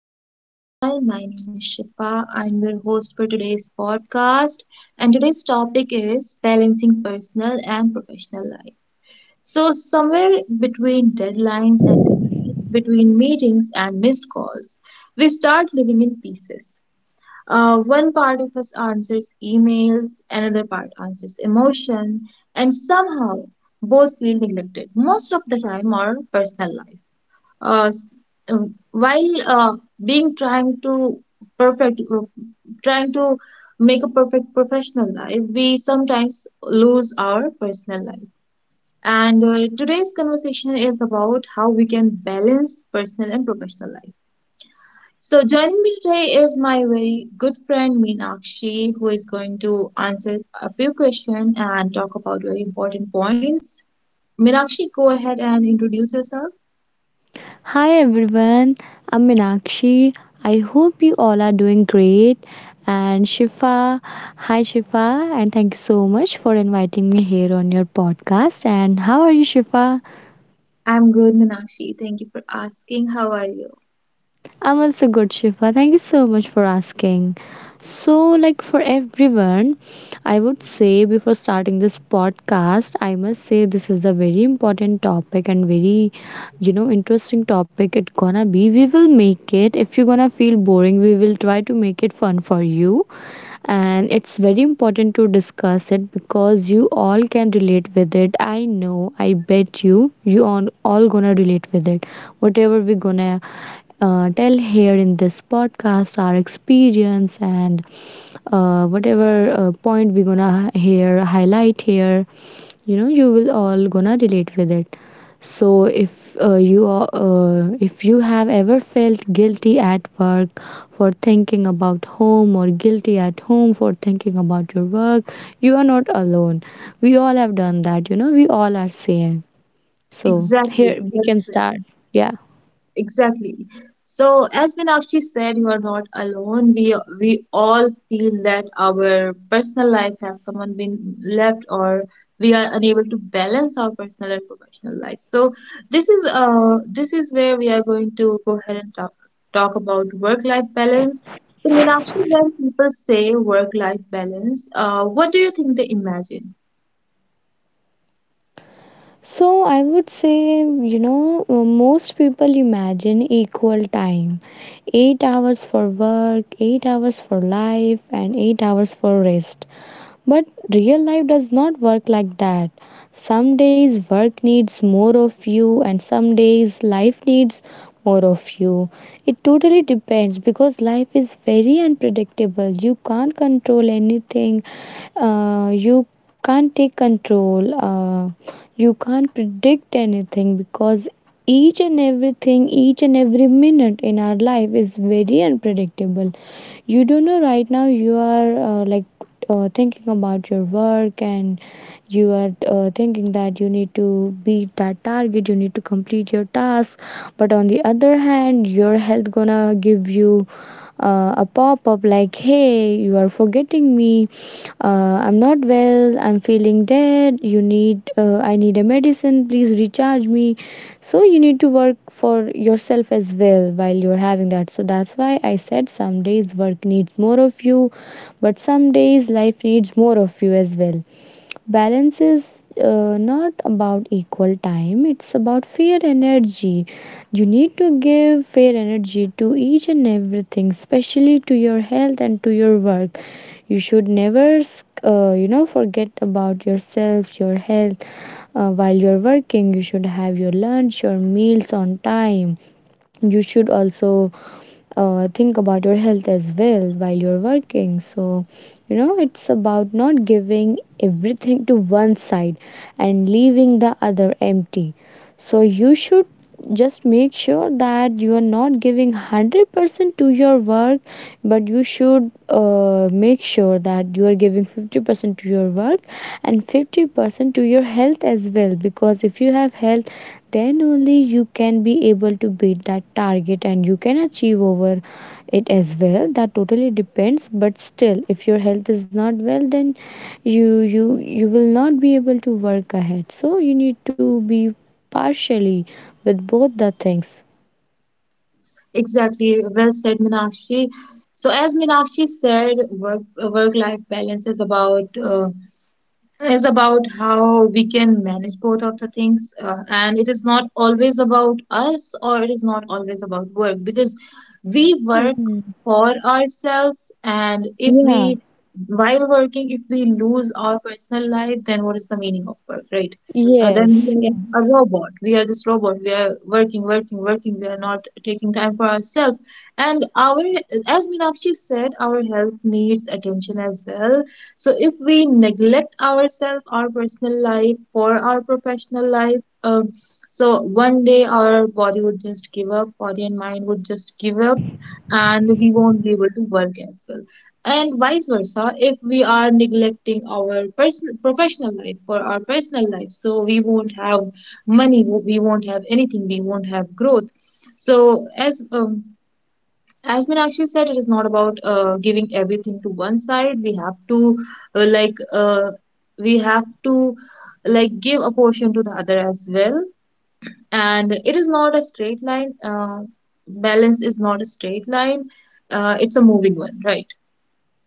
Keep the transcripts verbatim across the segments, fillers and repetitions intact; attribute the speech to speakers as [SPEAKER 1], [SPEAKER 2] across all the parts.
[SPEAKER 1] Hello everyone, my name is Shifa. I'm your host for today's podcast, and today's topic is balancing personal and professional life. So, somewhere between deadlines and deadlines, between meetings and missed calls, we start living in pieces. Uh, one part of us answers emails, another part answers emotion, and somehow both feel neglected most of the time. Our personal life uh, s- um, while uh, being trying to perfect, uh, trying to make a perfect professional life, we sometimes lose our personal life. And uh, Today's conversation is about how we can balance personal and professional life. So joining me today is my very good friend Meenakshi, who is going to answer a few questions and talk about very important points. Meenakshi, go ahead and introduce yourself.
[SPEAKER 2] Hi everyone, I'm Meenakshi. I hope you all are doing great. And Shifa, hi Shifa, and thank you so much for inviting me here on your podcast. And how are you, Shifa?
[SPEAKER 1] I'm good, Meenakshi. Thank you for asking. How are you?
[SPEAKER 2] I'm also good, Shifa. Thank you so much for asking. So, like for everyone, I would say before starting this podcast, I must say this is a very important topic and very, you know, interesting topic. It gonna be. We will make it. If you're gonna feel boring, we will try to make it fun for you and it's very important to discuss it because you all can relate with it. I know, I bet you, you all, all gonna relate with it. Whatever we're gonna uh, tell here in this podcast, our experience and uh, whatever uh, point we're gonna hear, highlight here, you know, you will all gonna relate with it. So if uh, you are, uh, if you have ever felt guilty at work for thinking about home or guilty at home for thinking about your work, you are not alone. We all have done that, you know, we all are same. So here
[SPEAKER 1] Exactly.
[SPEAKER 2] we
[SPEAKER 1] Well
[SPEAKER 2] can
[SPEAKER 1] said.
[SPEAKER 2] start. Yeah.
[SPEAKER 1] Exactly. So, as Meenakshi said, you are not alone. We we all feel that our personal life has someone been left, or we are unable to balance our personal and professional life. So, this is uh this is where we are going to go ahead and talk talk about work-life balance. So, Meenakshi, when people say work-life balance, uh, what do you think they imagine?
[SPEAKER 2] So I would say, you know, most people imagine equal time. eight hours for work, eight hours for life and eight hours for rest. But real life does not work like that. Some days work needs more of you, and some days life needs more of you. It totally depends because life is very unpredictable. You can't control anything. Uh, you can't take control. Uh, you can't predict anything because each and everything, each and every minute in our life is very unpredictable. You don't know, right now you are uh, like uh, thinking about your work and you are uh, thinking that you need to beat that target, you need to complete your task, but on the other hand your health gonna give you uh, a pop up like, "Hey, you are forgetting me. Uh, I'm not well. I'm feeling dead. You need, uh, I need a medicine. Please recharge me." So, you need to work for yourself as well while you're having that. So, that's why I said some days work needs more of you, but some days life needs more of you as well. Balance is uh, not about equal time, it's about fair energy. You need to give fair energy to each and everything, especially to your health and to your work. You should never uh, you know forget about yourself, your health. Uh, While you're working you should have your lunch, your meals on time. You should also uh, think about your health as well while you're working. So, you know, it's about not giving everything to one side and leaving the other empty. So you should just make sure that you are not giving one hundred percent to your work, but you should uh, make sure that you are giving fifty percent to your work and fifty percent to your health as well, because if you have health then only you can be able to beat that target and you can achieve over it as well. That totally depends, but still if your health is not well then you you you will not be able to work ahead, so you need to be partially with both the things.
[SPEAKER 1] Exactly, well said, Minakshi. So, as Minakshi said, work work life balance is about uh, is about how we can manage both of the things, uh, and it is not always about us or it is not always about work, because we work
[SPEAKER 2] Mhm.
[SPEAKER 1] for ourselves. And if
[SPEAKER 2] Yeah.
[SPEAKER 1] we, while working, if we lose our personal life, then what is the meaning of work, right? Uh, then we
[SPEAKER 2] Yes.
[SPEAKER 1] are
[SPEAKER 2] Yeah.
[SPEAKER 1] just a robot, we are this robot, we are working, working, working, we are not taking time for ourselves. And our, as Meenakshi said, our health needs attention as well. So if we neglect ourselves, our personal life for our professional life, um, so one day our body would just give up, body and mind would just give up, and we won't be able to work as well. And vice versa, if we are neglecting our personal professional life for our personal life, so we won't have money, we won't have anything, we won't have growth. So as um, as Meenakshi said, it is not about uh, giving everything to one side. We have to, uh, like uh, we have to like give a portion to the other as well. And it is not a straight line. Uh, balance is not a straight line. Uh, it's a moving one, right?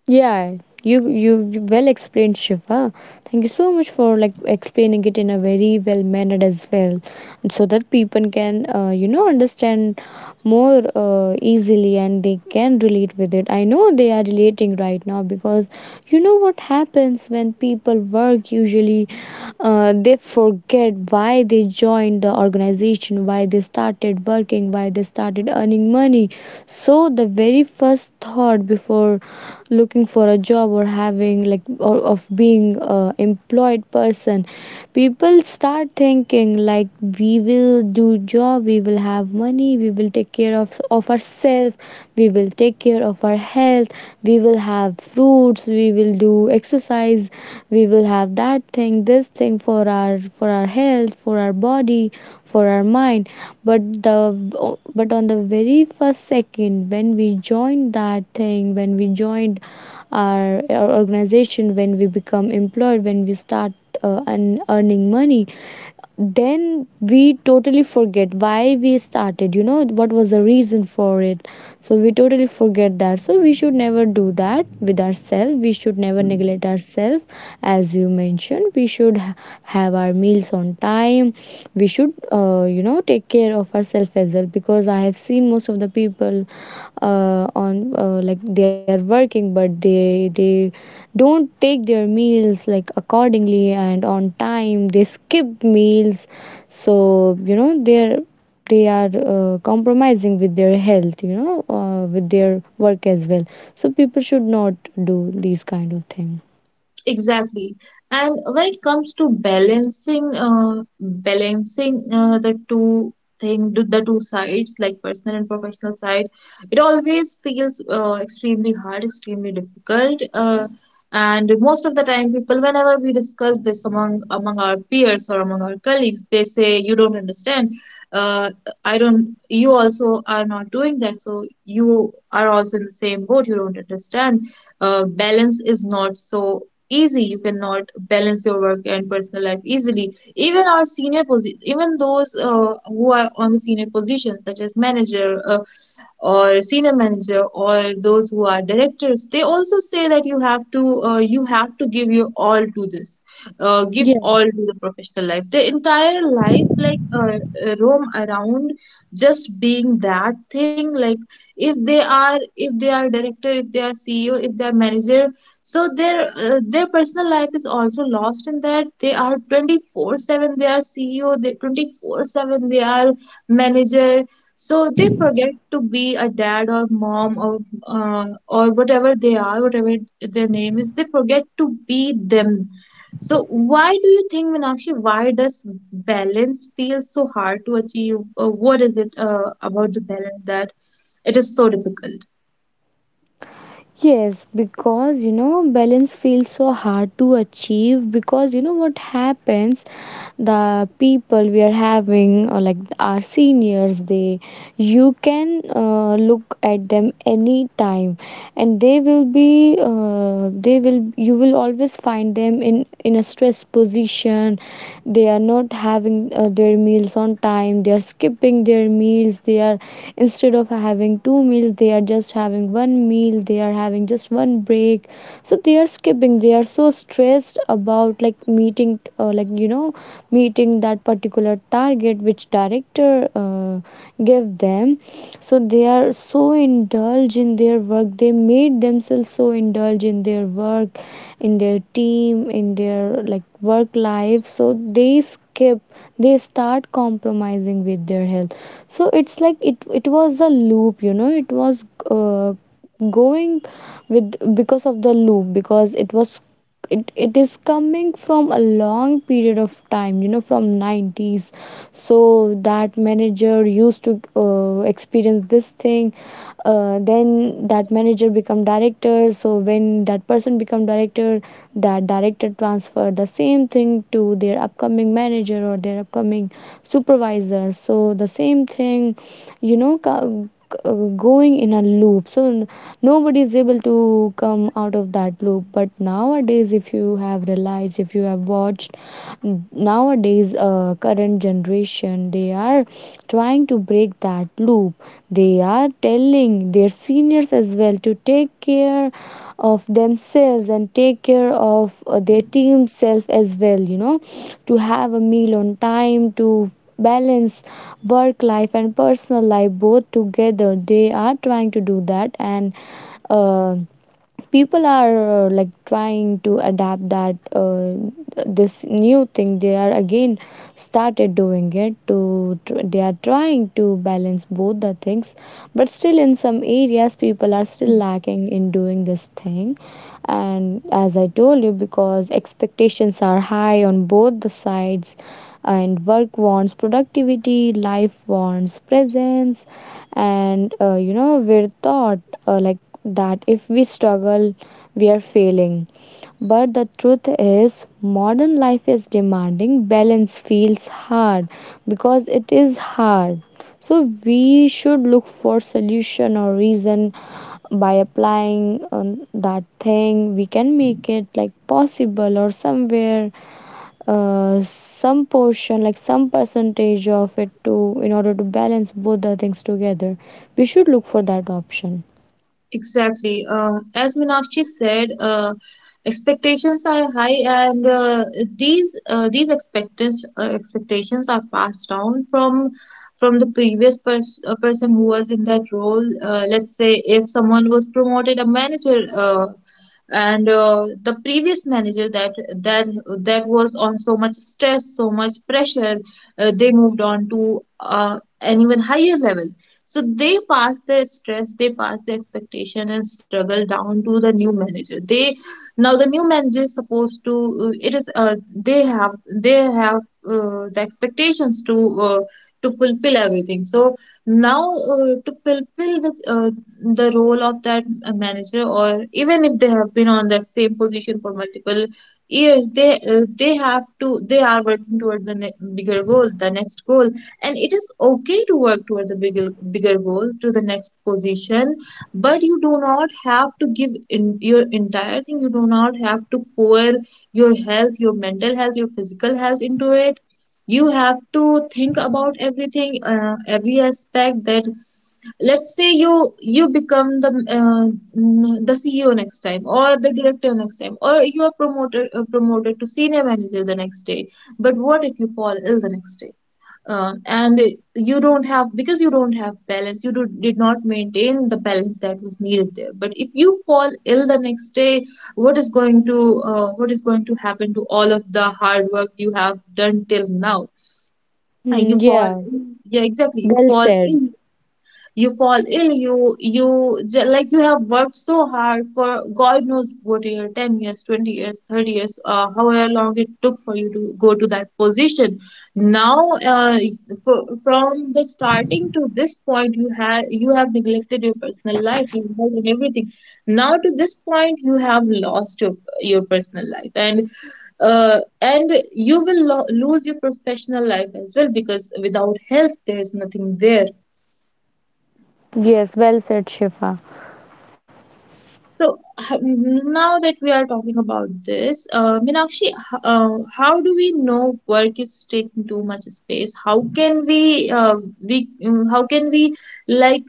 [SPEAKER 2] Yeah. You, you you well explained, Shiva. Thank you so much for like explaining it in a very well mannered as well, so that people can uh, you know understand more uh, easily and they can relate with it. I know they are relating right now because you know what happens when people work usually, uh, they forget why they join joined the organization, why they started working, why they started earning money. So the very first thought before looking for a job or having like or of being a employed person, people start thinking like, we will do job, we will have money, we will take care of of ourselves, we will take care of our health health we will have fruits, we will do exercise, we will have that thing this thing for our for our health, for our body, for our mind. But the, but on the very first second when we joined that thing, when we joined our, our organization, when we become employed, when we start uh, and earning money, then we totally forget why we started, you know, what was the reason for it. So we totally forget that. So we should never do that with ourselves, we should never neglect ourselves. As you mentioned, we should ha- have our meals on time, we should uh, you know take care of ourselves as well, because I have seen most of the people people uh, on uh, like they are working but they they don't take their meals like accordingly and on time, they skip meals. So you know they're, they are uh, compromising with their health, you know, uh, with their work as well. So people should not do these kind of thing.
[SPEAKER 1] Exactly. And when it comes to balancing, uh, balancing uh, the two thing, the the two sides, like personal and professional side, it always feels uh, extremely hard, extremely difficult. Uh, and most of the time, people, whenever we discuss this among among our peers or among our colleagues, they say, "You don't understand. Uh, I don't. You also are not doing that. So you are also in the same boat. You don't understand." Uh, balance is not so easy. You cannot balance your work and personal life easily. Even our senior posi- even those uh, who are on the senior positions, such as manager, uh, or senior manager, or those who are directors, they also say that you have to uh, you have to give your all to this, uh, give all to the professional life, the entire life, like uh, uh, roam around just being that thing. Like if they are, if they are director, if they are CEO, if they are manager, so their uh, their personal life is also lost in that. They are twenty four seven, they are C E O, they twenty four seven they are manager, so they forget to be a dad or mom or uh, or whatever they are, whatever their name is, they forget to be them. So why do you think, Meenakshi, why does balance feel so hard to achieve? Uh, what is it uh, about the balance that it is so difficult?
[SPEAKER 2] Yes, because you know, balance feels so hard to achieve because you know what happens, the people we are having or like our seniors, they, you can uh, look at them any time and they will be uh, they will, you will always find them in in a stressed position. They are not having uh, their meals on time, they are skipping their meals, they are, instead of having two meals they are just having one meal meal they are having just one break. So they are skipping, they are so stressed about like meeting uh, like you know meeting that particular target which director uh, gave them. So they are so indulged in their work, they made themselves so indulged in their work, in their team, in their like work life. So they skip, they start compromising with their health. So it's like it it was a loop, you know, it was uh, going with because of the loop, because it was it, it is coming from a long period of time, you know, from nineties. So that manager used to uh, experience this thing, uh, then that manager become director. So when that person become director, that director transfer the same thing to their upcoming manager or their upcoming supervisor. So the same thing, you know, co- uh, going in a loop. So n- nobody is able to come out of that loop. But nowadays, if you have realized, if you have watched, n- nowadays uh, current generation, they are trying to break that loop. They are telling their seniors as well to take care of themselves and take care of uh, their team self as well, you know, to have a meal on time, to balance work life and personal life both together. They are trying to do that, and uh, people are uh, like trying to adapt that uh, this new thing. They are again started doing it to tr- they are trying to balance both the things. But still in some areas people are still lacking in doing this thing. And as I told you, because expectations are high on both the sides, and work wants productivity, life wants presence. And uh, you know we're taught uh, like that if we struggle, we are failing. But the truth is, modern life is demanding. Balance feels hard because it is hard. So we should look for solution or reason by applying um, that thing. We can make it like possible, or somewhere uh, some portion, like some percentage of it, to in order to balance both the things together, we should look for that option.
[SPEAKER 1] Exactly. Uh, as Meenakshi said, uh, expectations are high, and uh, these uh, these expectations uh, expectations are passed down from from the previous pers- uh, person who was in that role. Uh, let's say if someone was promoted a manager, uh, and uh, the previous manager, that that that was on so much stress, so much pressure, uh, they moved on to uh, an even higher level. So they pass their stress, they pass their expectation and struggle down to the new manager. They, now the new manager is supposed to, uh, it is uh, they have they have uh, the expectations to uh, to fulfill everything. So now, uh, to fulfill the uh, the role of that, uh, manager, or even if they have been on that same position for multiple years, they uh, they have to they are working toward the ne- bigger goal, the next goal. And it is okay to work toward the bigger bigger goal to the next position. But you do not have to give in your entire thing, you do not have to pour your health, your mental health, your physical health into it. You have to think about everything, uh, every aspect that, let's say you, you become the, uh, mm, the CEO next time, or the director next time, or you are promoted uh, promoted to senior manager the next day. But what if you fall ill the next day? Uh, and you don't have, because you don't have balance, you do, did not maintain the balance that was needed there. But if you fall ill the next day, what is going to, uh, what is going to happen to all of the hard work you have done till now? Uh,
[SPEAKER 2] Hmm,
[SPEAKER 1] you fall
[SPEAKER 2] yeah,
[SPEAKER 1] Yeah, exactly, you
[SPEAKER 2] well
[SPEAKER 1] fall
[SPEAKER 2] said.
[SPEAKER 1] ill, you fall ill, you you j- like you have worked so hard for god knows what year, ten years, twenty years, thirty years, uh, however long it took for you to go to that position. Now, uh, for, from the starting to this point, you had you have neglected your personal life, your health and everything. Now to this point you have lost your, your personal life, and uh, and you will lo- lose your professional life as well, because without health there is nothing there.
[SPEAKER 2] Yes, well said, Shifa.
[SPEAKER 1] So h- now that we are talking about this, uh, Meenakshi, h- uh, how do we know work is taking too much space? How can we, uh, we, mm, how can we, like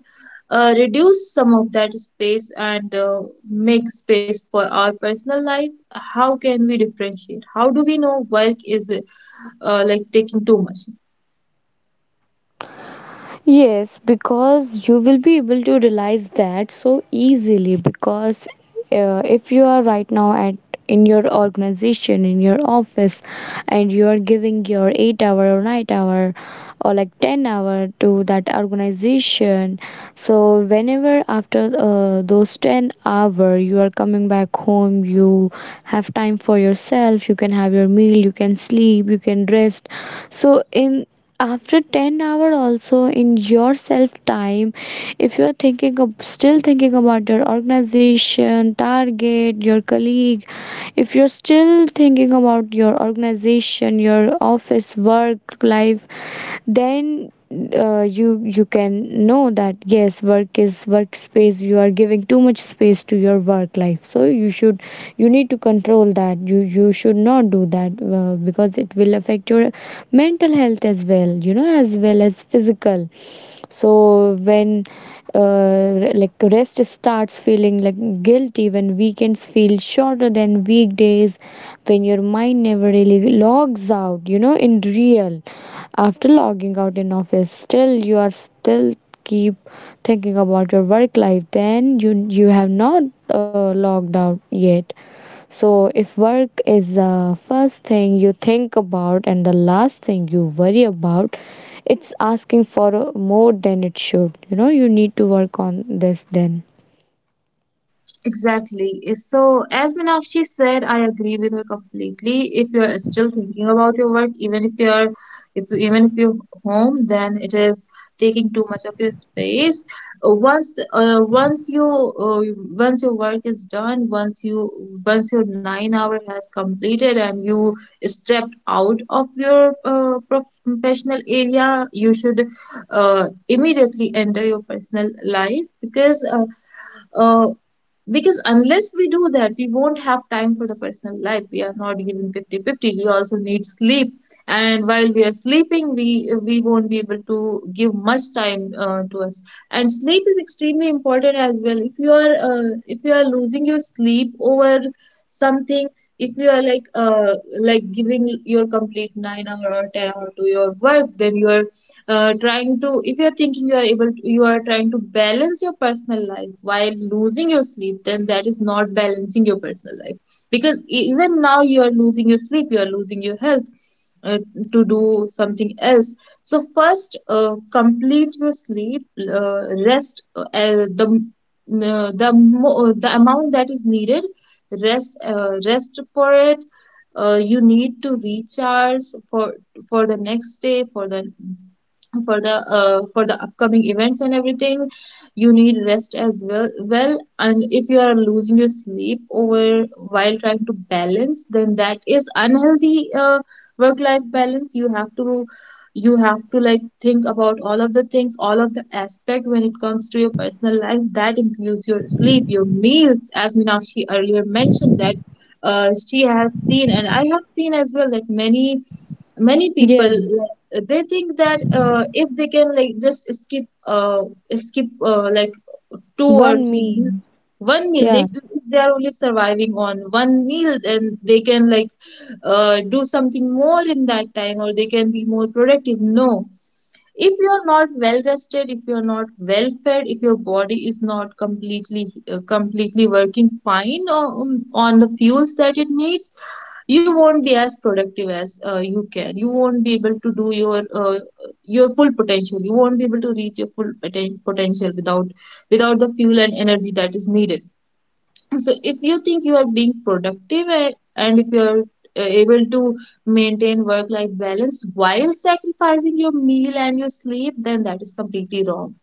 [SPEAKER 1] uh, reduce some of that space and uh, make space for our personal life? How can we differentiate? How do we know work is uh, like taking too much?
[SPEAKER 2] Yes, because you will be able to realize that so easily. Because uh, if you are right now at in your organization, in your office, and you are giving your eight hour or nine hour or like ten hour to that organization, so whenever after uh, those ten hour you are coming back home, you have time for yourself, you can have your meal, you can sleep, you can rest. So in after ten hour also in yourself time if you're thinking of still thinking about your organization target, your colleague, if you're still thinking about your organization, your office work life, then uh, you you can know that yes, work is workspace, you are giving too much space to your work life, so you should you need to control that. You you should not do that, uh, because it will affect your mental health as well, you know, as well as physical. So when uh, like rest starts feeling like guilty, when weekends feel shorter than weekdays, when your mind never really logs out, you know, in real, after logging out in office, still you are still keep thinking about your work life, then you you have not uh, logged out yet. So, if work is the first thing you think about and the last thing you worry about, it's asking for uh, more than it should. You know, you need to work on this then.
[SPEAKER 1] Exactly. So, as Meenakshi said, I agree with her completely. If you're still thinking about your work, even if you're, if you, even if you're home, then it is taking too much of your space. Uh, Once, uh, once you, uh, once your work is done, once you, once your nine hour has completed and you stepped out of your uh, prof professional area, you should uh, immediately enter your personal life because. Uh, uh, because unless we do that we won't have time for the personal life, we are not given fifty-fifty. We also need sleep, and while we are sleeping we we won't be able to give much time uh, to us. And sleep is extremely important as well. If you are, uh, if you are losing your sleep over something, if you are like uh, like giving your complete nine hour or ten hour to your work, then you are, uh, trying to, if you're thinking you are able to, you are trying to balance your personal life while losing your sleep, then that is not balancing your personal life, because e- even now you are losing your sleep, you are losing your health, uh, to do something else. So first, uh, complete your sleep, uh, rest uh, uh, the uh, the mo- the amount that is needed. Rest uh, rest for it. Uh, you need to recharge for for the next day, for the, for the, uh, for the upcoming events and everything. You need rest as well. Well, and if you are losing your sleep over while trying to balance, then that is unhealthy, uh, work life balance. You have to, you have to like think about all of the things, all of the aspect when it comes to your personal life. That includes your sleep, your meals. As Meenakshi earlier mentioned that, uh, she has seen, and I have seen as well, that many, many people,
[SPEAKER 2] Yeah.
[SPEAKER 1] they think that, uh, if they can like just skip uh, skip uh, like two or
[SPEAKER 2] One
[SPEAKER 1] three
[SPEAKER 2] me,
[SPEAKER 1] meals, one meal, they,
[SPEAKER 2] yeah.
[SPEAKER 1] if they are only surviving on one meal, then they can like uh, do something more in that time, or they can be more productive. No, if you're not well rested, if you're not well fed, if your body is not completely, uh, completely working fine on, on the fuels that it needs. You won't be as productive as uh, you can. You won't be able to do your uh, your full potential. You won't be able to reach your full poten- potential without without the fuel and energy that is needed. So if you think you are being productive, and, and if you are uh, able to maintain work-life balance while sacrificing your meal and your sleep, then that is completely wrong.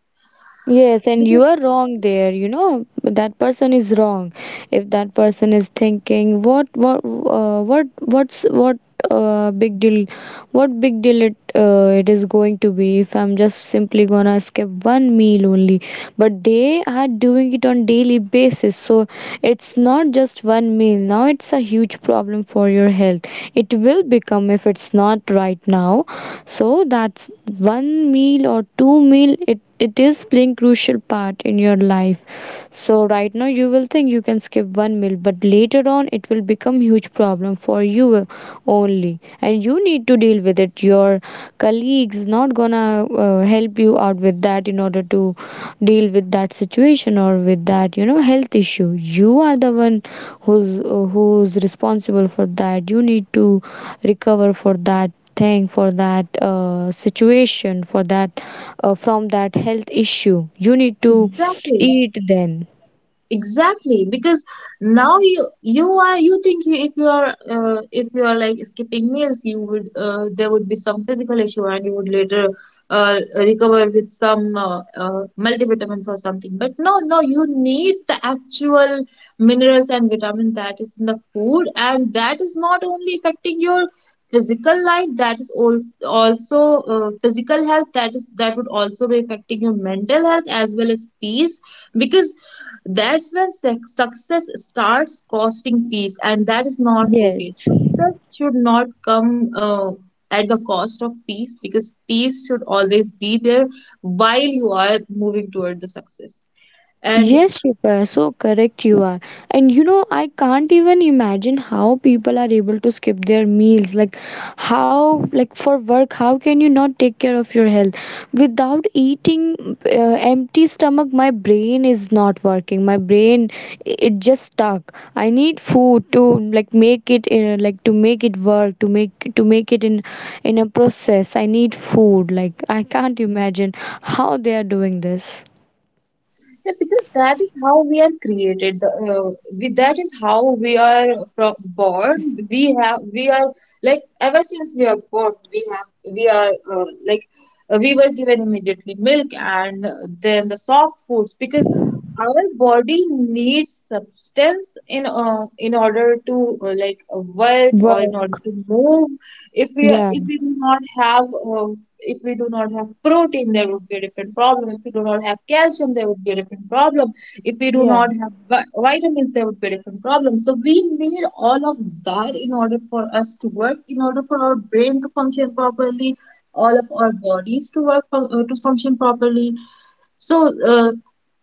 [SPEAKER 2] Yes, and you
[SPEAKER 1] Because
[SPEAKER 2] are wrong there, you know, that person is wrong. If that person is thinking what what uh, what what's what uh, big deal, what big deal it uh, it is going to be if I'm just simply gonna skip one meal only. But they are doing it on daily basis, so it's not just one meal. Now it's a huge problem for your health. It will become if it's not right now. So that's one meal or two meal, it, it is playing crucial part in your life. So right now you will think you can skip one meal, but later on it will become huge problem for you only, and you need to deal with it. Your colleagues not gonna uh, help you out with that in order to deal with that situation or with that, you know, health issue. You are the one who's uh, who's responsible for that. You need to recover for that thing, for that uh, situation, for that uh, from that health issue, you need to
[SPEAKER 1] exactly.
[SPEAKER 2] eat then.
[SPEAKER 1] Exactly, because now you you are you think you, if you are uh, if you are like skipping meals, you would uh, there would be some physical issue and you would later uh, recover with some uh, uh, multivitamins or something. But no, no, you need the actual minerals and vitamin that is in the food, and that is not only affecting your physical life, that is also also uh, physical health. That is that would also be affecting your mental health as well as peace, because that's when suc- success starts costing peace, and that is not okay.
[SPEAKER 2] Yes.
[SPEAKER 1] Success should not come uh, at the cost of peace, because peace should always be there while you are moving toward the success. And
[SPEAKER 2] Yes, Shifa, so correct you are. And you know, I can't even imagine how people are able to skip their meals. Like, how, like, for work, how can you not take care of your health? Without eating uh, empty stomach, my brain is not working. My brain, i- it just stuck. I need food to, like, make it, uh, like, to make it work, to make, to make it in, in a process. I need food. Like, I can't imagine how they are doing this.
[SPEAKER 1] yeah, because that is how we are created. The, uh, we, that is how we are pro- born. We have, we are like Ever since we are born, we have, we are uh, like uh, we were given immediately milk and then the soft foods, because our body needs substance in uh, in order to uh, like uh, work, or in order
[SPEAKER 2] Work.
[SPEAKER 1] to move. If we are,
[SPEAKER 2] Yeah.
[SPEAKER 1] if we do not have uh, if we do not have protein, there would be a different problem. If we do not have calcium, there would be a different problem. If we do
[SPEAKER 2] Yeah.
[SPEAKER 1] not have vitamins, there would be a different problem. So we need all of that in order for us to work, in order for our brain to function properly, all of our bodies to work uh, to function properly. So uh,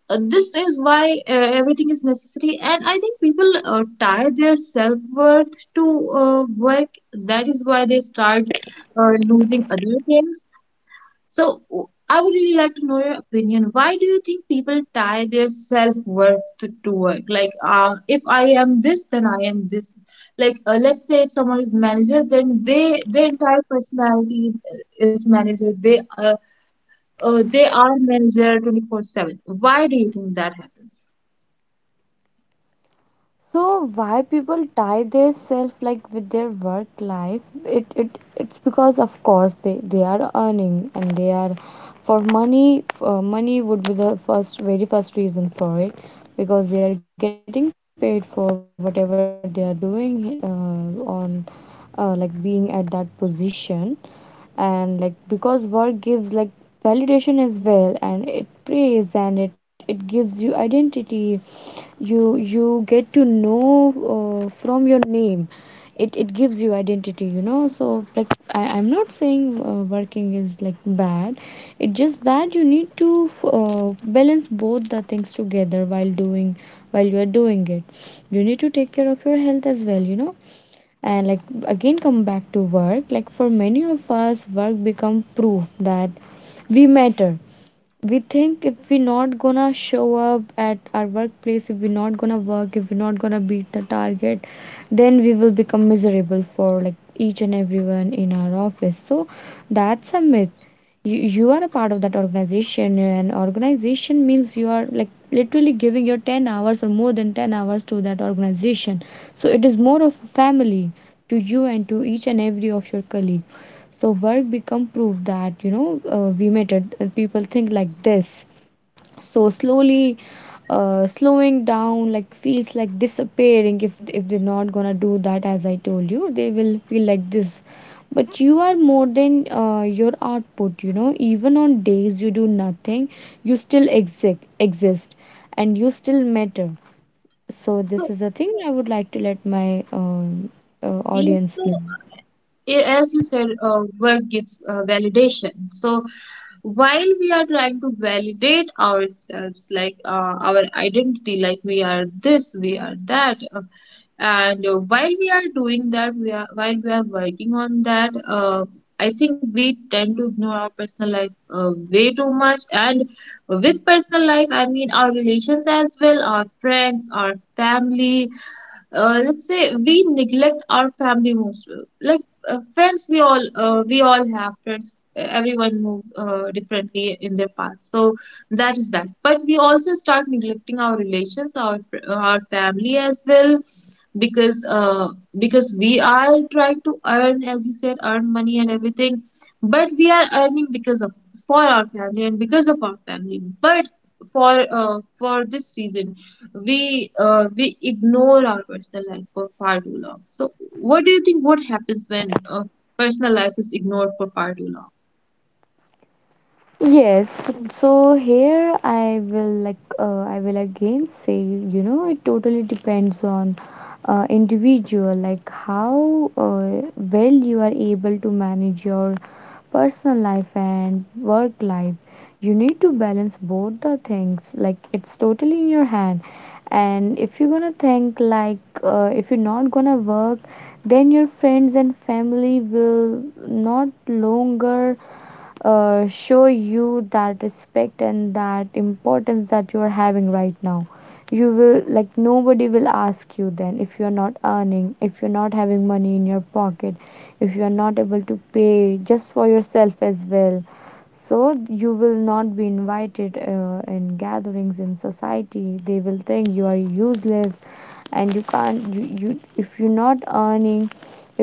[SPEAKER 1] uh, this is why uh, everything is necessary, and I think people uh, tie their self-worth to uh, work. That is why they start uh, losing other things. So I would really like to know your opinion. Why do you think people tie their self-worth to, to work? Like, uh, if I am this, then I am this. Like, uh, let's say if someone is manager, then they their entire personality is manager. They uh, uh they are manager twenty-four seven. Why do you think that happens?
[SPEAKER 2] So why people tie their self like with their work life? It it it's because of course they they are earning, and they are for money. Uh, money would be the first very first reason for it because they are getting paid for whatever they are doing uh, on uh, like being at that position. And like because work gives like validation as well, and it praise, and it, it gives you identity. You you get to know uh, from your name, it it gives you identity, you know. So like I, I'm not saying uh, working is like bad. It's just that you need to f- uh, balance both the things together while doing, while you are doing it. You need to take care of your health as well, you know. And like again come back to work, like for many of us work become proof that we matter. We think if we're not gonna show up at our workplace, if we're not gonna work, if we're not gonna beat the target, then we will become miserable for like each and everyone in our office. So that's a myth. You, you are a part of that organization, and organization means you are like literally giving your ten hours or more than ten hours to that organization. So it is more of a family to you and to each and every of your colleague. So work become proof that, you know, uh, we mattered. Uh, People think like this. So slowly, uh, slowing down like feels like disappearing. If if they're not gonna do that, as I told you, they will feel like this. But you are more than uh, your output. You know, even on days you do nothing, you still exist, exist, and you still matter. So this
[SPEAKER 1] So,
[SPEAKER 2] is the thing I would like to let my um uh,
[SPEAKER 1] you
[SPEAKER 2] audience
[SPEAKER 1] know,
[SPEAKER 2] know.
[SPEAKER 1] a- as you said, uh, work gives uh, validation. So while we are trying to validate ourselves, like uh, our identity, like we are this, we are that, uh, and uh, while we are doing that we are while we are working on that, uh, I think we tend to ignore our personal life uh, way too much. And with personal life I mean our relations as well, our friends, our family. Uh, let's say we neglect our family most, like uh, friends. We all uh, we all have friends. Uh, everyone move uh, differently in their path, so that is that. But we also start neglecting our relations, our fr- our family as well, because uh, because we are trying to earn, as you said, earn money and everything. But we are earning because of, for our family, and because of our family. But for uh, for this reason we uh, we ignore our personal life for far too long. So, what do you think? What happens when uh, personal life is ignored for far too long?
[SPEAKER 2] Yes, so here I will like uh, I will again say, you know, it totally depends on uh, individual, like how uh, well you are able to manage your personal life and work life. You need to balance both the things, like it's totally in your hand. And if you're gonna think like uh, if you're not gonna work, then your friends and family will not longer uh, show you that respect and that importance that you are having right now. You will like nobody will ask you then if you are not earning, if you're not having money in your pocket, if you are not able to pay just for yourself as well, so you will not be invited uh, in gatherings, in society. They will think you are useless, and you can't you, you if you're not earning,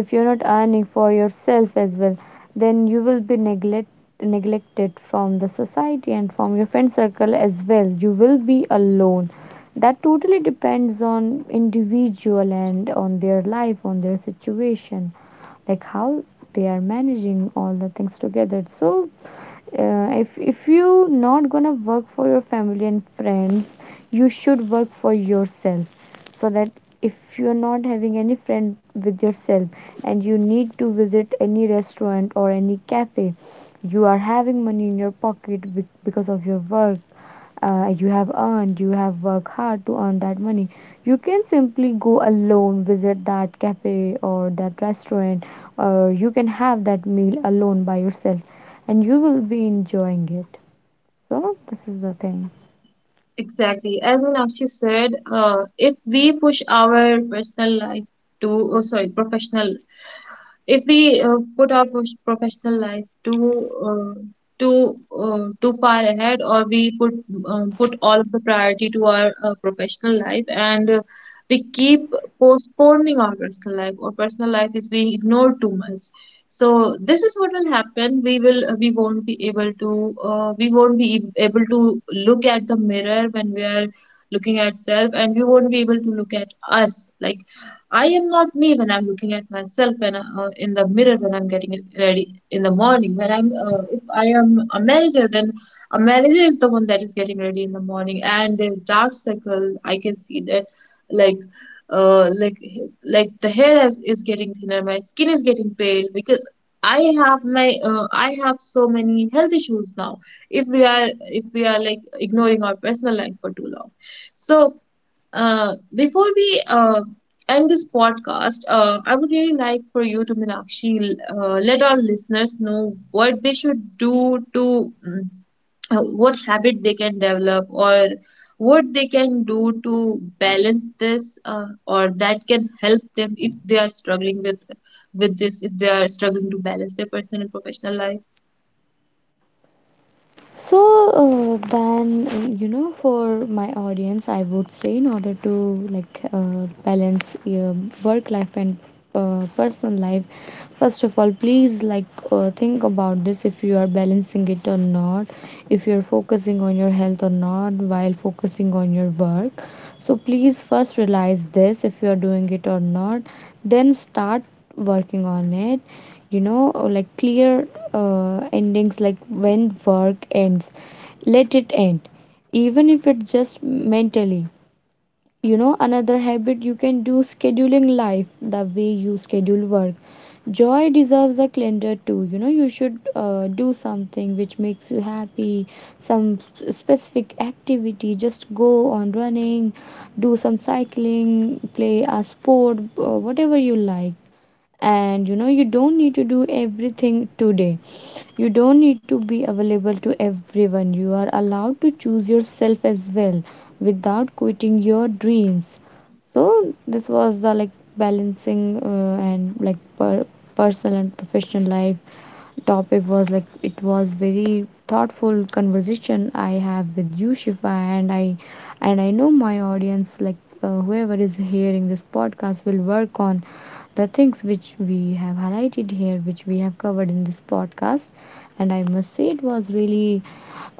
[SPEAKER 2] if you're not earning for yourself as well, then you will be neglect, neglected from the society and from your friend circle as well, you will be alone. That totally depends on individual and on their life, on their situation, like how they are managing all the things together. So uh, if if you not gonna work for your family and friends, you should work for yourself, so that if you're not having any friend with yourself and you need to visit any restaurant or any cafe, you are having money in your pocket be- because of your work. Uh, you have earned, you have worked hard to earn that money, you can simply go alone, visit that cafe or that restaurant, or you can have that meal alone by yourself, and you will be enjoying it. So, this is the thing.
[SPEAKER 1] Exactly. As Meenakshi said, uh, if we push our personal life to, oh, sorry, professional. If we uh, put our pros- professional life too uh, too uh, too far ahead, or we put uh, put all of the priority to our uh, professional life, and uh, we keep postponing our personal life, or personal life is being ignored too much. So this is what will happen: we will uh, we won't be able to uh, we won't be e- able to look at the mirror when we are looking at self, and we won't be able to look at us. Like, I am not me when I'm looking at myself, when I- uh, in the mirror, when I'm getting it ready in the morning. When I'm uh, if I am a manager, then a manager is the one that is getting ready in the morning, and there's dark circle. I can see that, like, uh, like like the hair is, is getting thinner, my skin is getting pale, because I have my uh, I have so many health issues now. If we are, if we are like ignoring our personal life for too long, so. Uh, before we uh, end this podcast, uh, I would really like for you to, Meenakshi, uh, let our listeners know what they should do to, mm, uh, what habit they can develop, or what they can do to balance this, uh, or that can help them if they are struggling with with this, if they are struggling to balance their personal and professional life.
[SPEAKER 2] So, uh, then, uh, you know, for my audience, I would say, in order to like uh, balance your work life and uh, personal life, first of all, please like uh, think about this if you are balancing it or not, if you're focusing on your health or not while focusing on your work. So, please first realize this if you are doing it or not, then start working on it, you know, uh, like clear uh, endings, like when work ends, let it end, even if it's just mentally. You know, another habit you can do, scheduling life the way you schedule work. Joy deserves a calendar too, you know. You should uh, do something which makes you happy, some specific activity, just go on running, do some cycling, play a sport, uh, whatever you like. And you know, you don't need to do everything today, you don't need to be available to everyone, you are allowed to choose yourself as well without quitting your dreams. So this was the like balancing uh, and like per- personal and professional life topic. Was like it was very thoughtful conversation I have with you, Shifa, and I and I know my audience like uh, whoever is hearing this podcast will work on the things which we have highlighted here, which we have covered in this podcast. And I must say it was really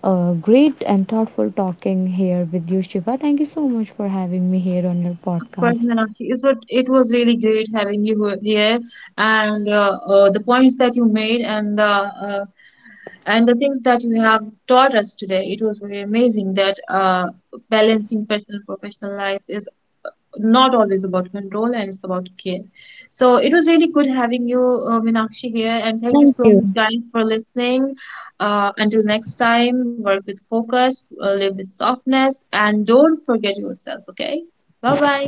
[SPEAKER 2] uh, great and thoughtful talking here with you, Shiva. Thank you so much for having me here on your
[SPEAKER 1] Course,
[SPEAKER 2] podcast.
[SPEAKER 1] Meenakshi. So it was really great having you he- here, and uh, uh, the points that you made, and the uh, and the things that you have taught us today. It was very amazing that uh, balancing personal and professional life is not always about control, and it's about care. So it was really good having you, uh, Meenakshi, here, and thank you
[SPEAKER 2] Thank
[SPEAKER 1] so
[SPEAKER 2] you.
[SPEAKER 1] much, guys, for listening. Uh, until next time, work with focus, uh, live with softness, and don't forget yourself. Okay, bye bye.